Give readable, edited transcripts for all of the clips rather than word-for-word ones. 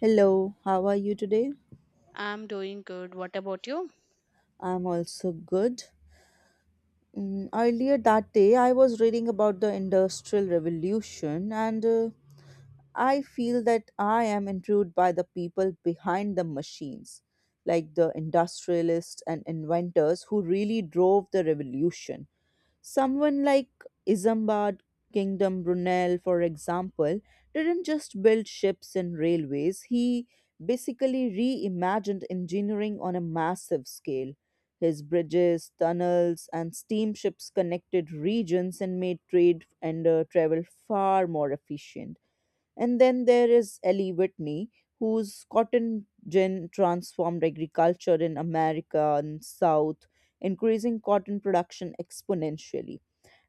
Hello, how are you today? I'm doing good. What about you? I'm also good. Earlier that day, I was reading about the Industrial Revolution, and I feel that I am intrigued by the people behind the machines, like the industrialists and inventors who really drove the revolution. Someone like Isambard Kingdom Brunel, for example, didn't just build ships and railways, he basically reimagined engineering on a massive scale. His bridges, tunnels, and steamships connected regions and made trade and travel far more efficient. And then there is Ellie Whitney, whose cotton gin transformed agriculture in America and South, increasing cotton production exponentially.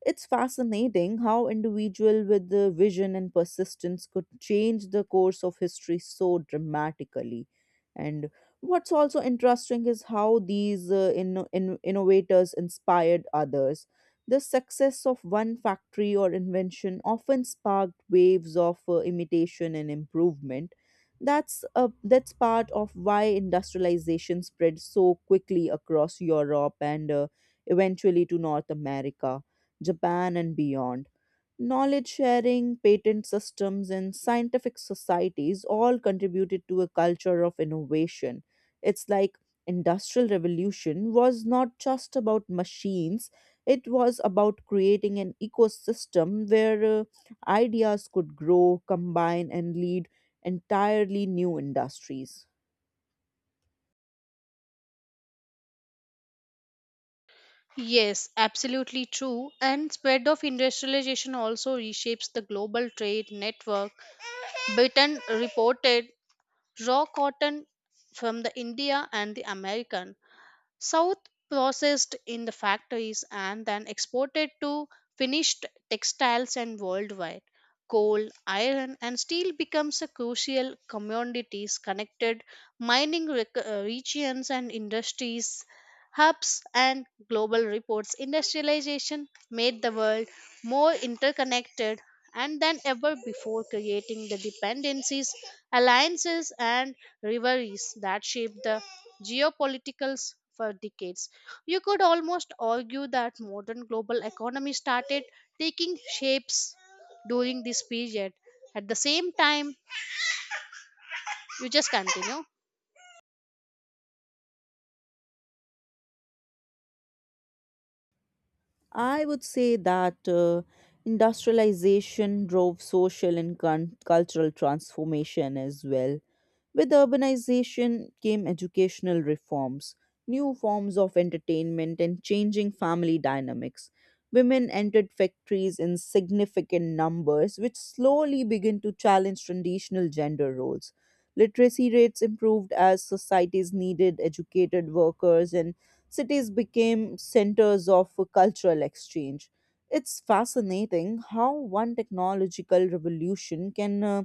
It's fascinating how individual with the vision and persistence could change the course of history so dramatically. And what's also interesting is how these innovators inspired others the success of one factory or invention often sparked waves of imitation and improvement. That's part of why industrialization spread so quickly across Europe and eventually to North America, Japan, and beyond. Knowledge sharing, patent systems, and scientific societies all contributed to a culture of innovation. It's like industrial revolution was not just about machines it was about creating an ecosystem where ideas could grow, combine, and lead entirely new industries. Yes, absolutely true. And spread of industrialization also reshapes the global trade network. Britain reported raw cotton from the India and the American. South processed in the factories and then exported to finished textiles and worldwide. Coal, iron, and steel becomes a crucial commodities connected mining regions and industries hubs and global reports. Industrialization made the world more interconnected and than ever before, creating the dependencies, alliances, and rivalries that shape the geopoliticals for decades. You could almost argue that modern global economy started taking shapes during this period. At the same time, you just continue. I would say that industrialization drove social and cultural transformation as well. With urbanization came educational reforms, new forms of entertainment, and changing family dynamics. Women entered factories in significant numbers, which slowly began to challenge traditional gender roles. Literacy rates improved as societies needed educated workers, and cities became centers of cultural exchange. It's fascinating how one technological revolution can uh,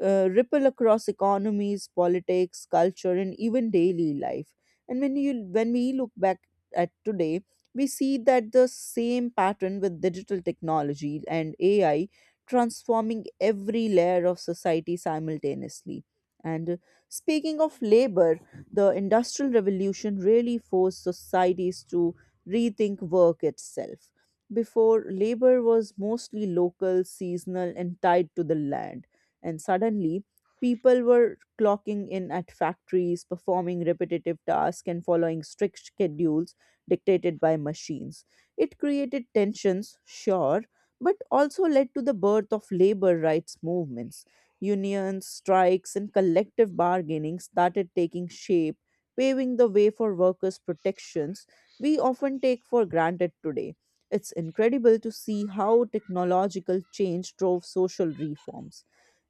uh, ripple across economies, politics, culture, and even daily life. And when we look back at today, we see that the same pattern with digital technology and AI transforming every layer of society simultaneously. And Speaking of labor, the Industrial Revolution really forced societies to rethink work itself. Before, labor was mostly local, seasonal, and tied to the land and suddenly, people were clocking in at factories, performing repetitive tasks, and following strict schedules dictated by machines. It created tensions, sure, but also led to the birth of labor rights movements. Unions, strikes, and collective bargaining started taking shape, paving the way for workers' protections we often take for granted today. It's incredible to see how technological change drove social reforms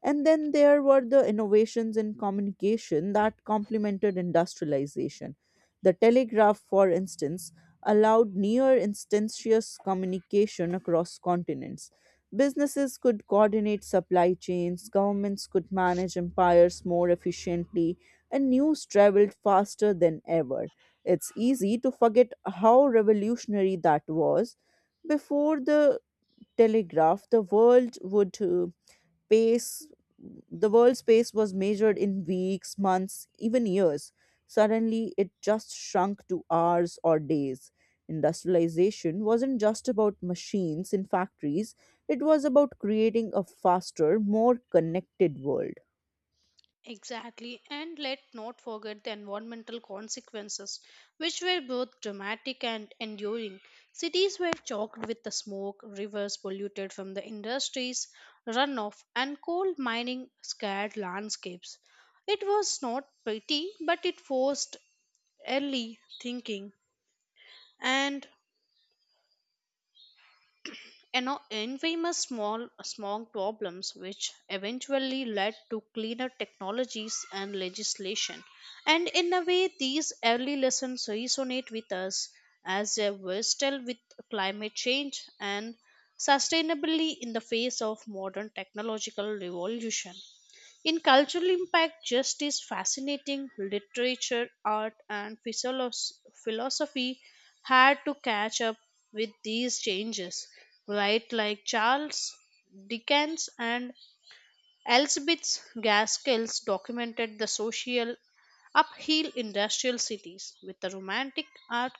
and then there were the innovations in communication that complemented industrialization. The telegraph, for instance, allowed near instantaneous communication across continents. Businesses could coordinate supply chains, governments could manage empires more efficiently, and news traveled faster than ever. It's easy to forget how revolutionary that was. Before the telegraph, pace the world's pace was measured in weeks months even years suddenly it just shrunk to hours or days industrialization wasn't just about machines in factories it was about creating a faster more connected world. Exactly, and let not forget the environmental consequences, which were both dramatic and enduring. Cities were choked with the smoke, rivers polluted from the industries, runoff, and coal mining scarred landscapes. It was not pretty, but it forced early thinking and now infamous small smog problems, which eventually led to cleaner technologies and legislation, and in a way these early lessons resonate with us as we were still with climate change and sustainably in the face of modern technological revolution in cultural impact, just is fascinating. Literature, art, and philosophy had to catch up with these changes, right? Like Charles Dickens and Elizabeth Gaskell's documented the social uphill industrial cities with the romantic art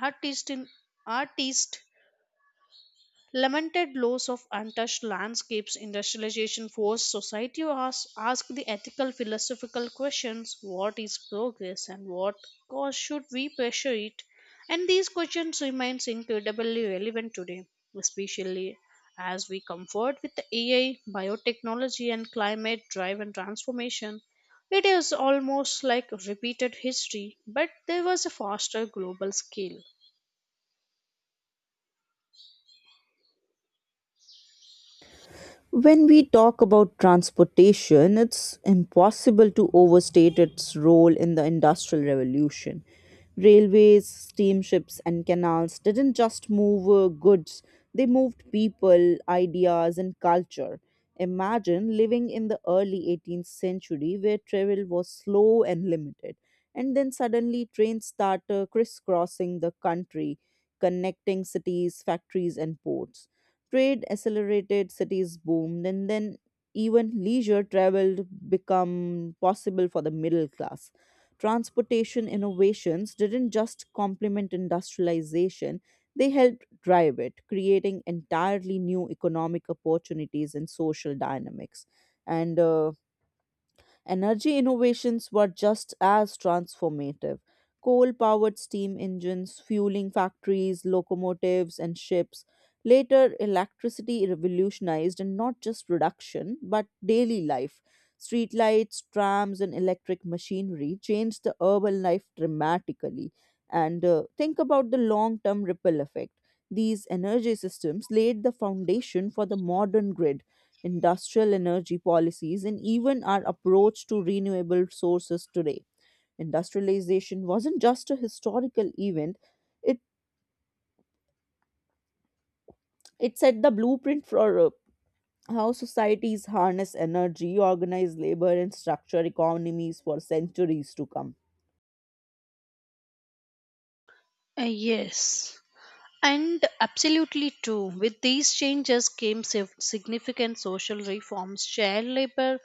artist in artist lamented loss of untouched landscapes industrialization forced society to ask the ethical philosophical questions, what is progress and what cause should we pressure it, and these questions remains incredibly relevant today, especially as we comfort with the AI biotechnology and climate driven transformation. It is almost like repeated history, but there was a faster global scale. When we talk about transportation, it's impossible to overstate its role in the Industrial Revolution. Railways, steamships, and canals didn't just move goods, they moved people, ideas, and culture. Imagine living in the early 18th century where travel was slow and limited, and then suddenly trains start crisscrossing the country, connecting cities, factories, and ports. Trade accelerated, cities boomed, and then even leisure travel become possible for the middle class. Transportation innovations didn't just complement industrialization, they helped drive it, creating entirely new economic opportunities and social dynamics. And Energy innovations were just as transformative. Coal powered steam engines, fueling factories, locomotives, and ships. Later, electricity revolutionized and not just production, but daily life. Streetlights, trams, and electric machinery changed the urban life dramatically. And Think about the long term ripple effect. These energy systems laid the foundation for the modern grid industrial energy policies, and even our approach to renewable sources today. Industrialization wasn't just a historical event, it, it set the blueprint for how societies harness energy, organize labor, and structure economies for centuries to come. Yes. And absolutely true. With these changes came significant social reforms, child labor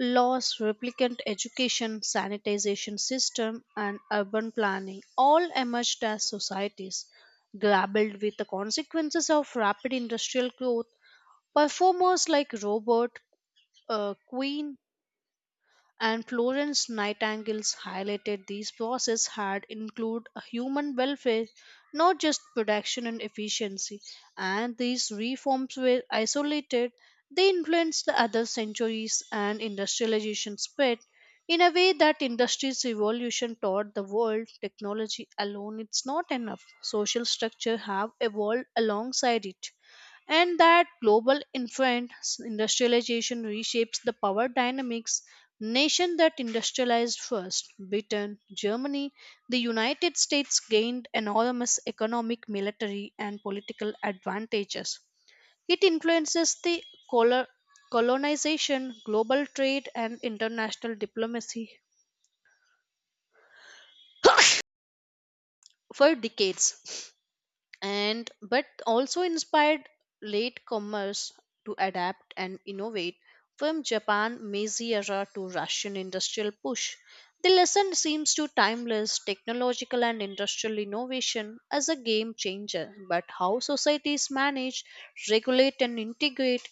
laws, replicant education, sanitization system, and urban planning all emerged as societies. Grappled with the consequences of rapid industrial growth, performers like Robert Queen and Florence Nightingale's highlighted these bosses had include a human welfare, not just production and efficiency. And these reforms were isolated; they influenced the other centuries and industrialization spread in a way that industry's evolution taught the world technology alone it's not enough social structure have evolved alongside it and that global infant industrialization reshapes the power dynamics nation that industrialized first Britain, Germany, the United States gained enormous economic military and political advantages. It influences the colo- colonization, global trade, and international diplomacy for decades and but also inspired late commerce to adapt and innovate from Japan Meiji era to Russian industrial push. The lesson seems to timeless technological and industrial innovation as a game changer, but how societies manage, regulate, and integrate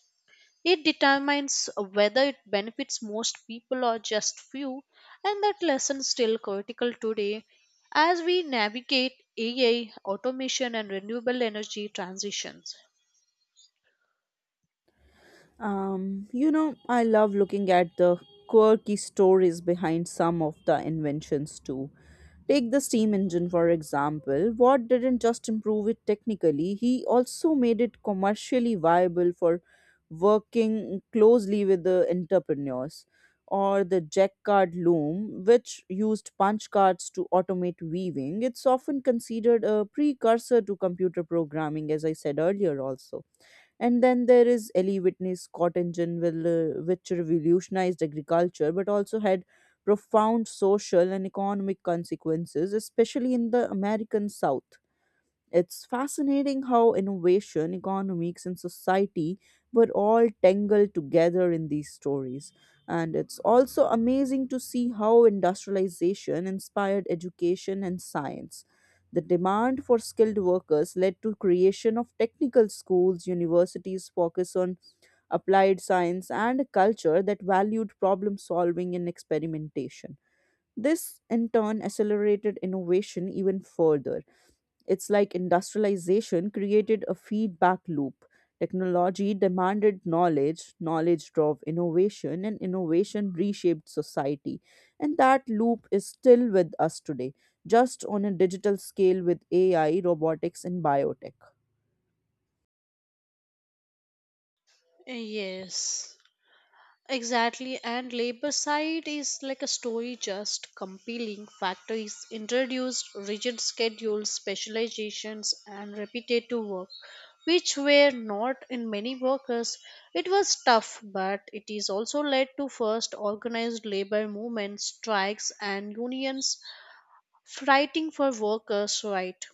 it determines whether it benefits most people or just few, and that lesson still critical today as we navigate AI, automation, and renewable energy transitions. I love looking at the quirky stories behind some of the inventions too. Take the steam engine, for example. Watt didn't just improve it technically, he also made it commercially viable for working closely with the entrepreneurs. Or the jack card loom, which used punch cards to automate weaving. It's often considered a precursor to computer programming, as I said earlier, also. And then there is Ellie Whitney's Scott engine, which revolutionized agriculture but also had profound social and economic consequences, especially in the American South. It's fascinating how innovation, economics, and society were all tangled together in these stories. And it's also amazing to see how industrialization inspired education and science. The demand for skilled workers led to creation of technical schools, universities focus on applied science, and a culture that valued problem solving and experimentation. This, in turn, accelerated innovation even further. It's like industrialization created a feedback loop. Technology demanded knowledge, knowledge drove innovation, and innovation reshaped society. And that loop is still with us today, just on a digital scale with AI, robotics, and biotech. Yes. Exactly, and labor side is like a story just compelling. Factories introduced rigid schedules, specializations, and repetitive work, which were not in many workers. It was tough, but it is also led to first organized labor movements, strikes, and unions fighting for workers' rights.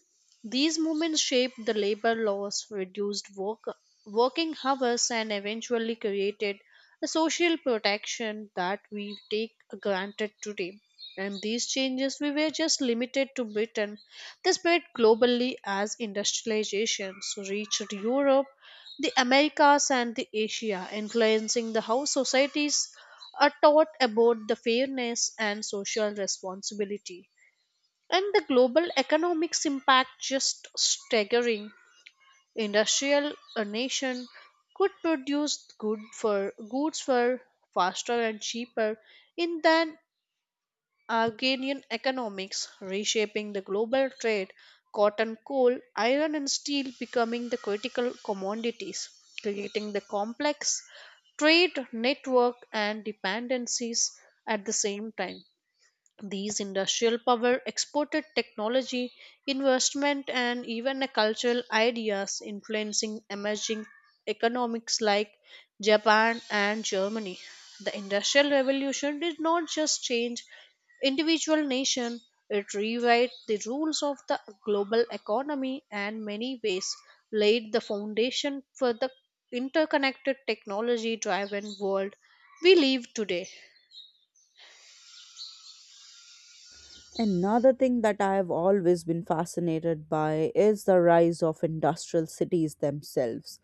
These movements shaped the labor laws, reduced work, working hours, and eventually created a social protection that we take granted today. And these changes we were just limited to Britain. They spread globally as industrialization so reached Europe, the Americas, and the Asia, influencing the how societies are taught about the fairness and social responsibility and the global economics impact just staggering industrial a nation could produce good for goods for faster and cheaper in than Argenian economics reshaping the global trade, cotton, coal, iron, and steel becoming the critical commodities, creating the complex trade network and dependencies. At the same time, these industrial power exported technology, investment, and even a cultural ideas influencing emerging economics like Japan and Germany. The Industrial Revolution did not just change individual nation, it rewrote the rules of the global economy and many ways laid the foundation for the interconnected technology driven world we live today. Another thing that I have always been fascinated by is the rise of industrial cities themselves.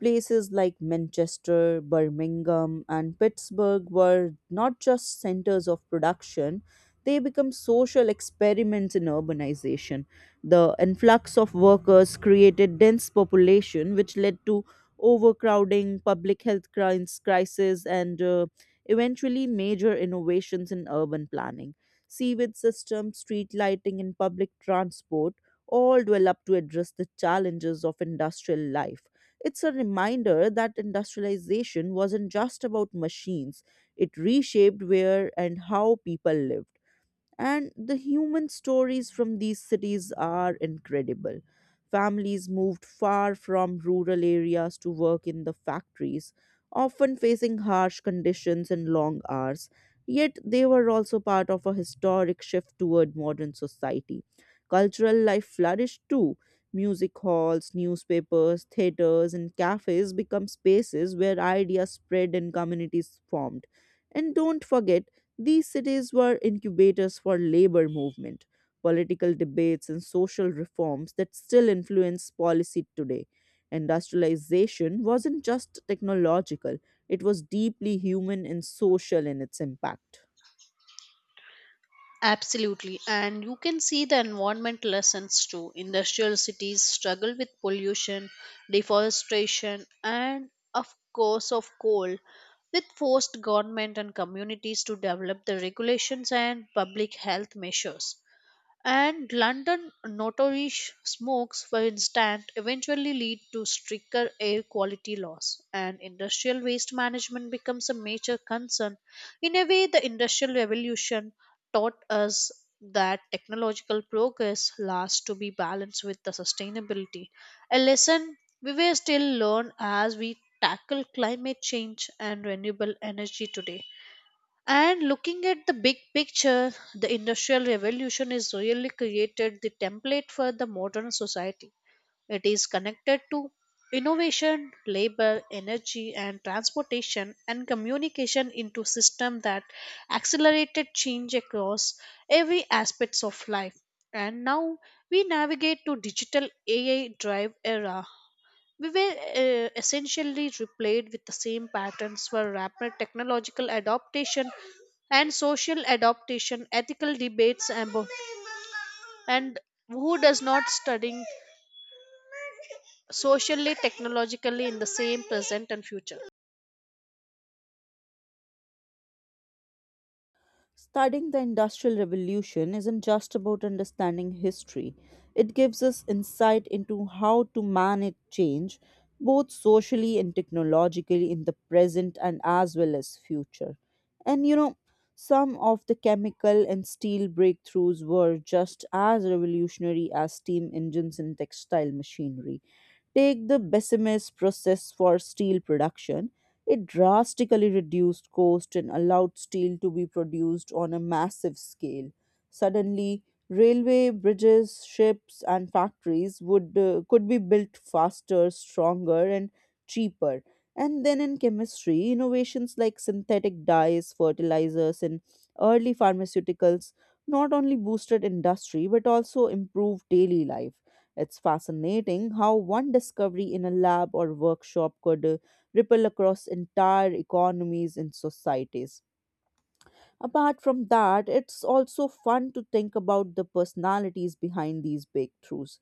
Places like Manchester, Birmingham, and Pittsburgh were not just centers of production, they become social experiments in urbanization. The influx of workers created dense population, which led to overcrowding, public health crisis, and eventually major innovations in urban planning. Sewage systems, street lighting, and public transport all developed to address the challenges of industrial life. It's a reminder that industrialization wasn't just about machines, it reshaped where and how people live. And the human stories from these cities are incredible. Families moved far from rural areas to work in the factories, often facing harsh conditions and long hours. Yet they were also part of a historic shift toward modern society. Cultural life flourished too. Music halls, newspapers, theaters, and cafes become spaces where ideas spread and communities formed. And don't forget, these cities were incubators for labor movement, political debates and social reforms that still influence policy today. Industrialization wasn't just technological, it was deeply human and social in its impact. Absolutely. And you can see the environment lessons too. Industrial cities struggle with pollution, deforestation, and of course of coal, with forced government and communities to develop the regulations and public health measures. And London notorious smokes, for instance, eventually lead to stricter air quality laws, and industrial waste management becomes a major concern. In a way, the Industrial Revolution taught us that technological progress lasts to be balanced with the sustainability. A lesson we will still learn as we tackle climate change and renewable energy today. And looking at the big picture, the Industrial Revolution is really created the template for the modern society. It is connected to innovation, labor, energy, and transportation and communication into system that accelerated change across every aspects of life. And now we navigate to digital AI drive era, we were essentially replayed with the same patterns for rapid technological adaptation and social adaptation, ethical debates about and who does not studying socially, technologically in the same present and future. Studying the Industrial Revolution isn't just about understanding history. It gives us insight into how to manage change, both socially and technologically, in the present and as well as future. And you know, some of the chemical and steel breakthroughs were just as revolutionary as steam engines and textile machinery. Take the Bessemer process for steel production. It drastically reduced cost and allowed steel to be produced on a massive scale. Suddenly, railway, bridges, ships, and factories would could be built faster, stronger, and cheaper and then in chemistry, innovations like synthetic dyes, fertilizers, and early pharmaceuticals not only boosted industry but also improved daily life. It's fascinating how one discovery in a lab or workshop could ripple across entire economies and societies. Apart from that, it's also fun to think about the personalities behind these breakthroughs.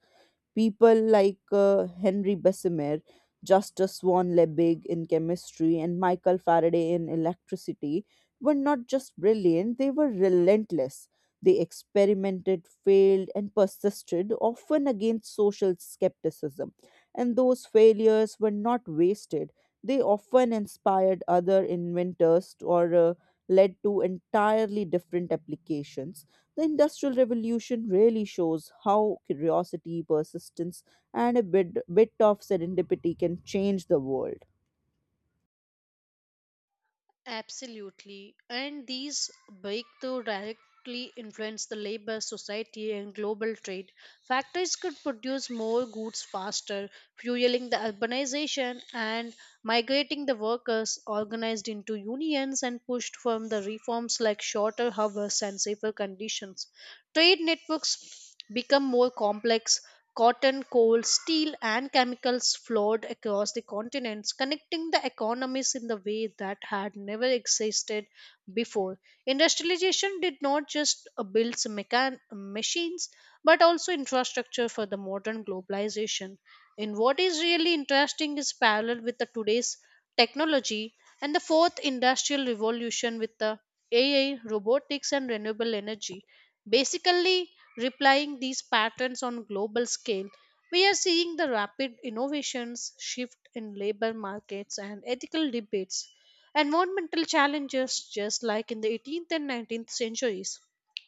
People like Henry Bessemer, Justus Swan Liebig in chemistry, and Michael Faraday in electricity were not just brilliant, they were relentless. They experimented, failed, and persisted, often against social skepticism. And those failures were not wasted. They often inspired other inventors or led to entirely different applications the Industrial Revolution really shows how curiosity, persistence, and a bit of serendipity can change the world. Absolutely. And these breakthrough directly influence the labor, society, and global trade. Factories could produce more goods faster, fueling the urbanization and migrating the workers organized into unions and pushed for the reforms like shorter hours and safer conditions. Trade networks become more complex. Cotton, coal, steel, and chemicals flowed across the continents, connecting the economies in the way that had never existed before. Industrialization did not just build some machines, but also infrastructure for the modern globalization. And what is really interesting is parallel with the today's technology and the fourth industrial revolution with the AI, robotics, and renewable energy. Basically, replying these patterns on global scale, we are seeing the rapid innovations, shift in labor markets, and ethical debates environmental challenges, just like in the 18th and 19th centuries,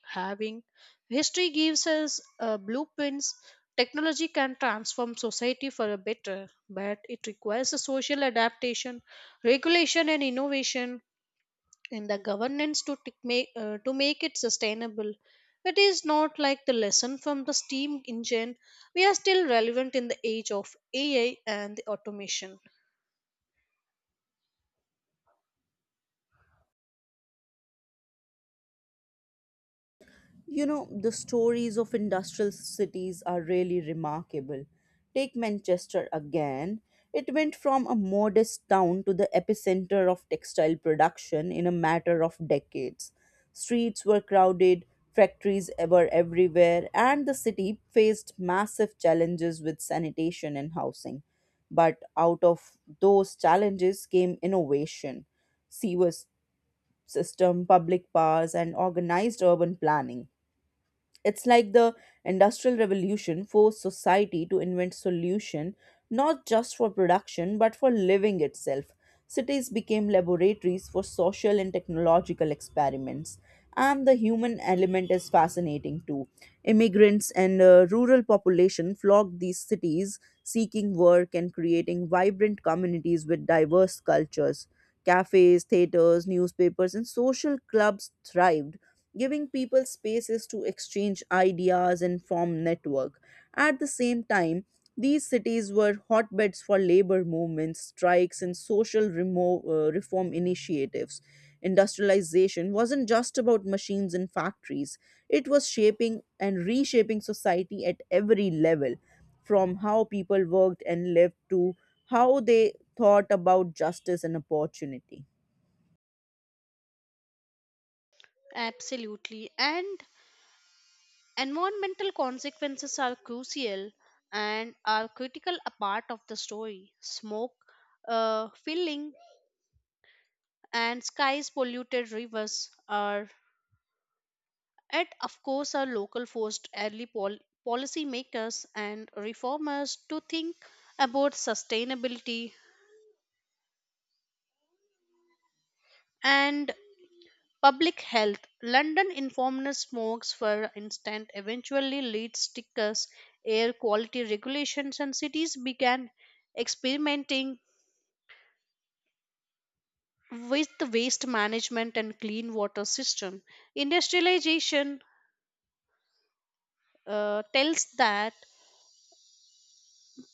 having history gives us blueprints. Technology can transform society for a better, but it requires a social adaptation, regulation, and innovation in the governance to tic- make to make it sustainable. It is not like the lesson from the steam engine. We are still relevant in the age of AI and the automation. You know, the stories of industrial cities are really remarkable. Take Manchester again. It went from a modest town to the epicenter of textile production in a matter of decades. Streets were crowded, factories were everywhere, and the city faced massive challenges with sanitation and housing. But out of those challenges came innovation, sewer system, public powers, and organized urban planning it's like the Industrial Revolution forced society to invent solution not just for production but for living itself. Cities became laboratories for social and technological experiments. And the human element is fascinating too. Immigrants and rural population flocked these cities seeking work and creating vibrant communities with diverse cultures. Cafes, theaters, newspapers, and social clubs thrived giving people spaces to exchange ideas and form network. At the same time, these cities were hotbeds for labor movements, strikes, and social reform initiatives. Industrialization wasn't just about machines and factories, it was shaping and reshaping society at every level, from how people worked and lived to how they thought about justice and opportunity. Absolutely. And environmental consequences are crucial and are critical a part of the story. Smoke, filling, and skies polluted rivers are, and of course, are local forced early policymakers and reformers to think about sustainability and public health. London informed smokes, for instance, eventually lead stickers, air quality regulations, and cities began experimenting with the waste management and clean water system industrialization tells that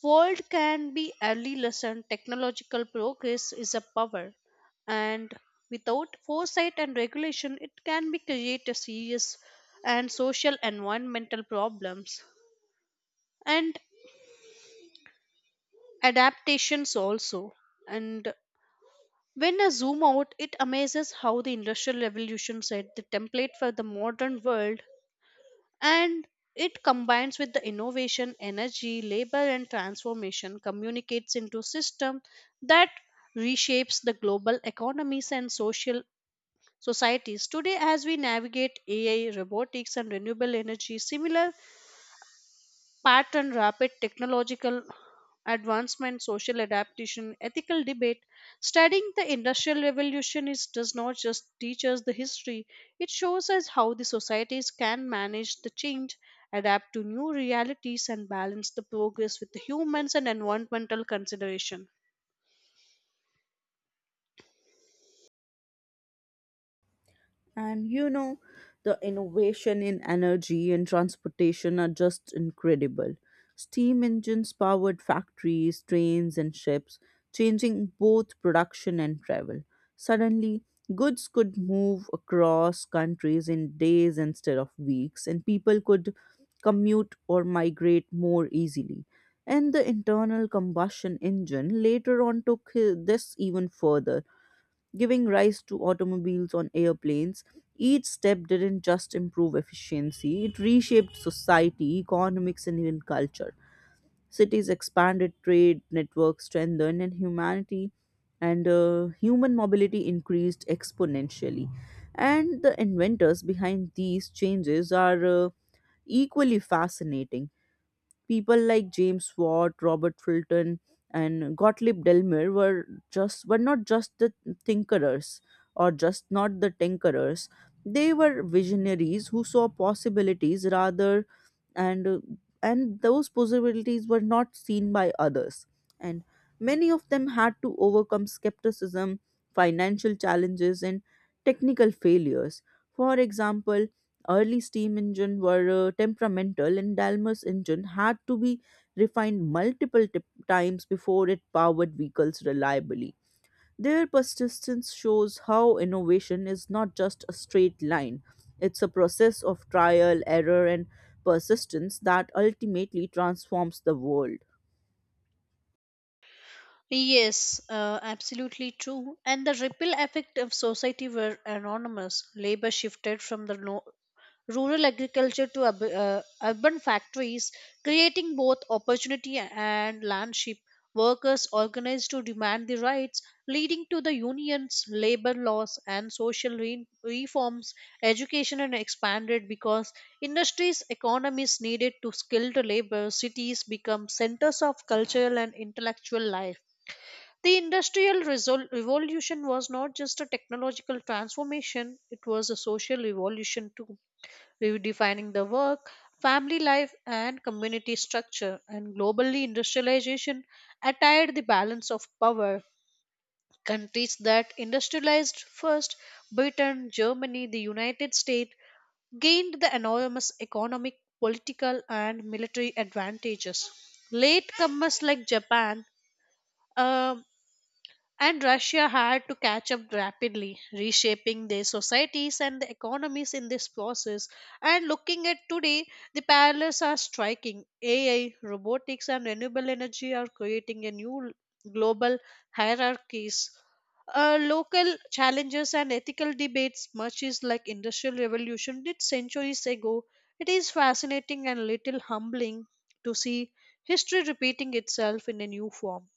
world can be early lesson technological progress is a power, and without foresight and regulation it can be create a serious and social environmental problems and adaptations also and when I zoom out it amazes how the industrial revolution set the template for the modern world and it combines with the innovation energy labor and transformation communicates into system that reshapes the global economies and social societies today as we navigate AI robotics and renewable energy similar packed and rapid technological advancement, social adaptation, ethical debate. Studying the Industrial Revolution is, does not just teach us the history, it shows us how the societies can manage the change, adapt to new realities, and balance the progress with the humans and environmental consideration. And you know, the innovation in energy and transportation are just incredible. Steam engines powered factories, trains, and ships, changing both production and travel. Suddenly, goods could move across countries in days instead of weeks, and people could commute or migrate more easily. And the internal combustion engine later on took this even further giving rise to automobiles on airplanes. Each step didn't just improve efficiency, it reshaped society, economics, and even culture. Cities expanded, trade networks strengthened, and humanity and human mobility increased exponentially. And the inventors behind these changes are equally fascinating. People like James Watt, Robert Fulton, and Gottlieb Delmer were just were not just the tinkerers or just not the tinkerers. They were visionaries who saw possibilities rather and uh, and those possibilities were not seen by others, and many of them had to overcome skepticism, financial challenges, and technical failures. For example, early steam engine were temperamental, and dalmas engine had to be refined multiple tip times before it powered vehicles reliably. Their persistence shows how innovation is not just a straight line, it's a process of trial, error, and persistence that ultimately transforms the world. Yes, absolutely true. And the ripple effect of society were enormous. Labor shifted from the rural agriculture to urban factories, creating both opportunity and landship. Workers organized to demand the rights, leading to the unions, labor laws, and social reforms. Education and expanded because industries, economies needed to skilled labor. Cities become centers of cultural and intellectual life. The industrial revolution was not just a technological transformation; it was a social revolution too redefining the work, family life, and community structure. And globally, industrialization attired the balance of power. Countries that industrialized first, Britain, Germany, the United States, gained the enormous economic, political, and military advantages. Latecomers like Japan uh, and Russia had to catch up rapidly, reshaping their societies and the economies in this process. And looking at today, the parallels are striking. AI, robotics, and renewable energy are creating a new global hierarchies. Local challenges and ethical debates, much is like industrial revolution did centuries ago. It is fascinating and little humbling to see history repeating itself in a new form.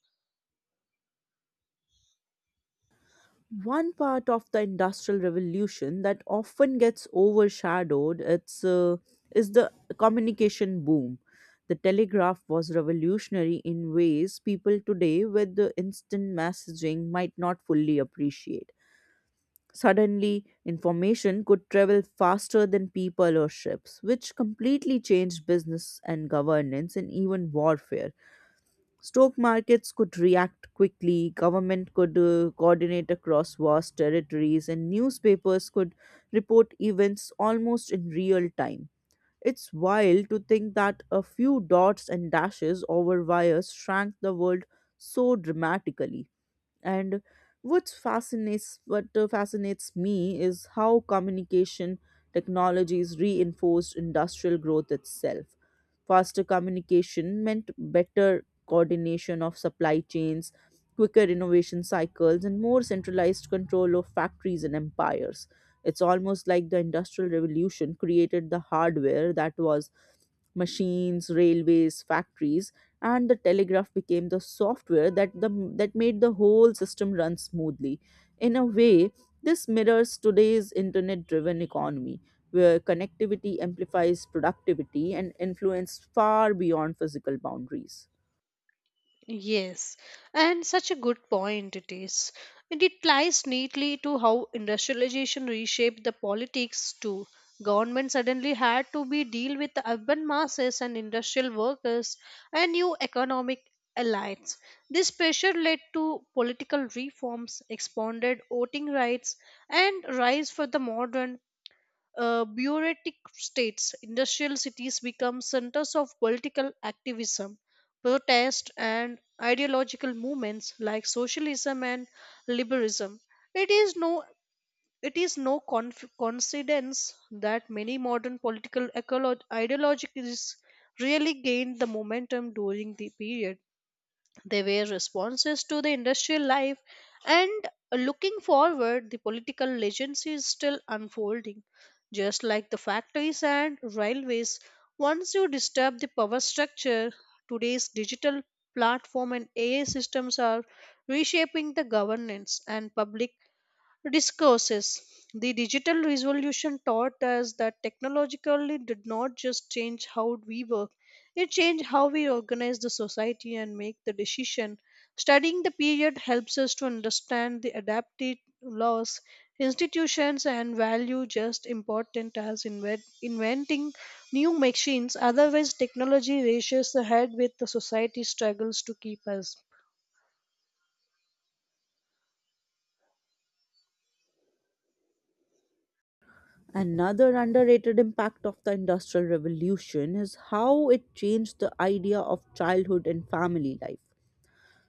One part of the Industrial Revolution that often gets overshadowed is the communication boom. The telegraph was revolutionary in ways people today with the instant messaging might not fully appreciate. Suddenly, information could travel faster than people or ships, which completely changed business and governance and even warfare. Stock markets could react quickly, government could coordinate across vast territories, and newspapers could report events almost in real time. It's wild to think that a few dots and dashes over wires shrank the world so dramatically. And what fascinates me is how communication technologies reinforced industrial growth itself. Faster communication meant better coordination of supply chains, quicker innovation cycles, and more centralized control of factories and empires. It's almost like the Industrial Revolution created the hardware, that was machines, railways, factories, and the telegraph became the software that made the whole system run smoothly. In a way, this mirrors today's internet driven economy, where connectivity amplifies productivity and influence far beyond physical boundaries. Yes, and such a good point it is. And it ties neatly to how industrialization reshaped the politics too. Government suddenly had to be deal with the urban masses and industrial workers and new economic elites. This pressure led to political reforms, expanded voting rights, and rise for the modern bureaucratic states, industrial cities become centers of political activism, protest, and ideological movements like socialism and liberalism. It is no it is no coincidence that many modern political ideologies really gained the momentum during the period. They were responses to the industrial life and looking forward, the political legacy is still unfolding. Just like the factories and railways, once you disturb the power structure, today's digital platform and AI systems are reshaping the governance and public discourses. The digital revolution taught us that technologically did not just change how we work, it changed how we organize the society and make the decision. Studying the period helps us to understand the adapted laws, institutions and value just important as inventing new machines. Otherwise technology races ahead with the society struggles to keep us. Another underrated impact of the Industrial Revolution is how it changed the idea of childhood and family life.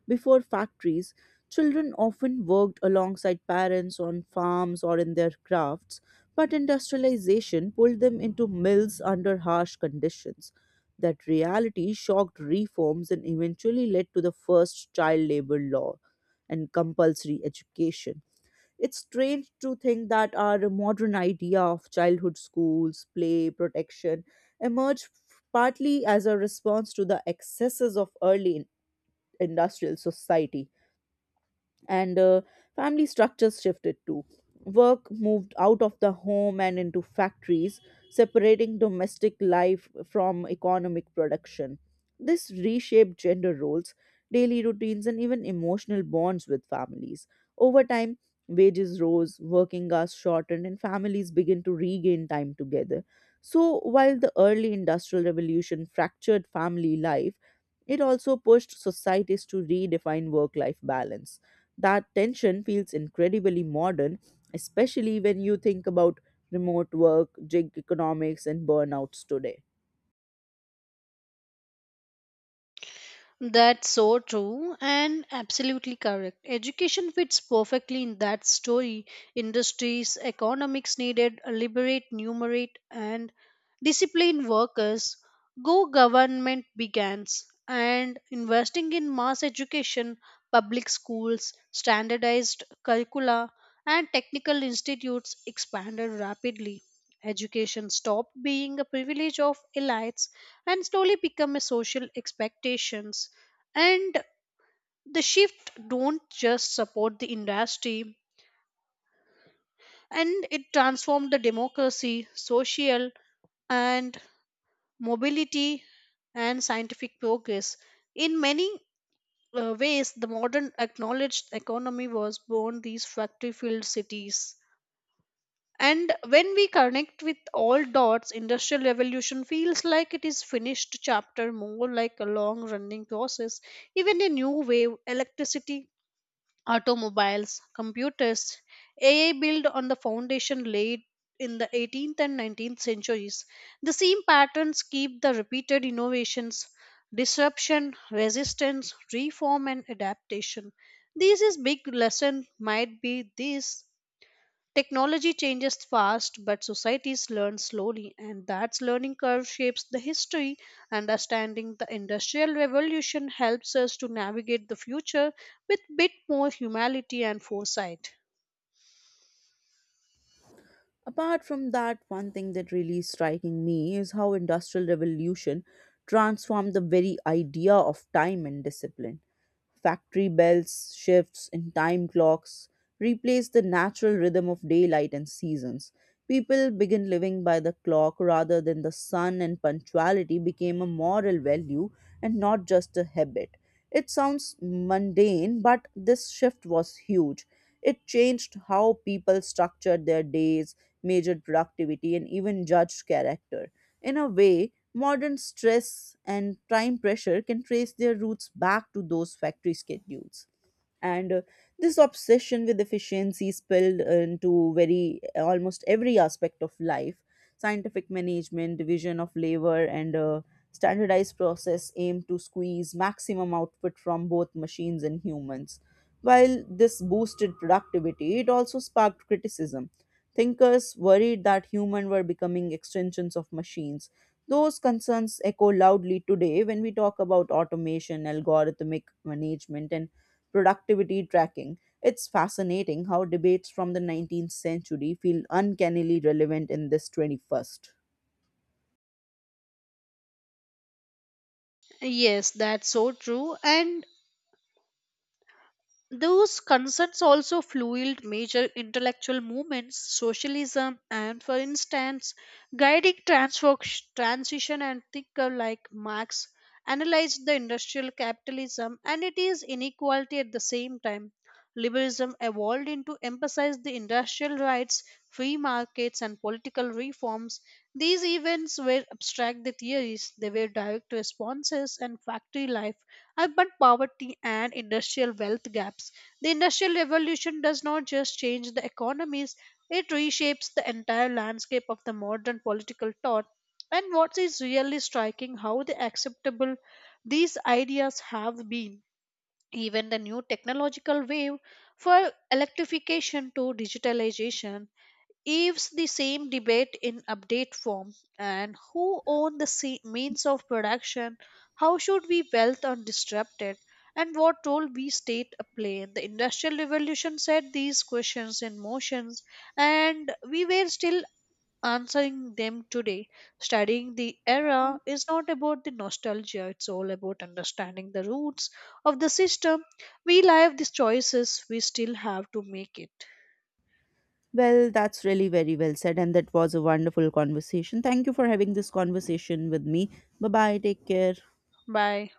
Before factories, children often worked alongside parents on farms or in their crafts, but industrialization pulled them into mills under harsh conditions. That reality shocked reforms and eventually led to the first child labor law and compulsory education. It's strange to think that our modern idea of childhood, schools, play, protection emerged partly as a response to the excesses of early industrial society. And uh, family structures shifted too. Work moved out of the home and into factories, separating domestic life from economic production. This reshaped gender roles, daily routines, and even emotional bonds with families. Over time, wages rose, working hours shortened, and families began to regain time together. So, while the early industrial revolution fractured family life, it also pushed societies to redefine work life balance. That tension feels incredibly modern, especially when you think about remote work, gig economics, and burnouts today. That's so true and absolutely correct. Education fits perfectly in that story. Industries, economics needed, liberate, numerate, and discipline workers. Go government begins and investing in mass education, public schools, standardized curricula, and technical institutes expanded rapidly. Education stopped being a privilege of elites and slowly become a social expectations and the shift don't just support the industry and it transformed the democracy social and mobility and scientific progress in many ways the modern acknowledged economy was born these factory filled cities. And when we connect with all dots, Industrial Revolution feels like it is finished chapter, more like a long running process. Even a new wave, electricity, automobiles, computers, AI built on the foundation laid in the 18th and 19th centuries. The same patterns keep the repeated innovations, disruption, resistance, reform, and adaptation. This is big lesson might be this technology changes fast, but societies learn slowly, and that learning curve shapes the history. Understanding the Industrial Revolution helps us to navigate the future with bit more humanity and foresight. Apart from that, one thing that really is striking me is how industrial revolution transformed the very idea of time and discipline. Factory bells, shifts, and time clocks replace the natural rhythm of daylight and seasons. People begin living by the clock rather than the sun, and punctuality became a moral value and not just a habit. It sounds mundane, but this shift was huge. It changed how people structured their days, measured productivity, and even judged character. In a way, modern stress and time pressure can trace their roots back to those factory schedules. And uh, this obsession with efficiency spilled into very almost every aspect of life. Scientific management, division of labor, and standardized process aim to squeeze maximum output from both machines and humans. While this boosted productivity, it also sparked criticism. Thinkers worried that humans were becoming extensions of machines. Those concerns echo loudly today when we talk about automation, algorithmic management, and productivity tracking. It's fascinating how debates from the 19th century feel uncannily relevant in this 21st. Yes, that's so true. And those concerns also fueled major intellectual movements, socialism, and, for instance, guiding transition and thinker like Marx analyzed the industrial capitalism and its inequality at the same time liberalism evolved into emphasize the industrial rights, free markets, and political reforms. These events were abstract the theories, they were direct responses and factory life, but poverty and industrial wealth gaps. The industrial revolution does not just change the economies, it reshapes the entire landscape of the modern political thought. And what is really striking how the acceptable these ideas have been. Even the new technological wave for electrification to digitalization gives the same debate in update form and who own the means of production, how should we wealth and disrupt it, and what role we state a play. The industrial revolution set these questions in motions and we were still answering them today. Studying the era is not about the nostalgia, it's all about understanding the roots of the system. We live these choices, we still have to make it. Well, that's really very well said, and that was a wonderful conversation. Thank you for having this conversation with me. Bye bye, take care. Bye.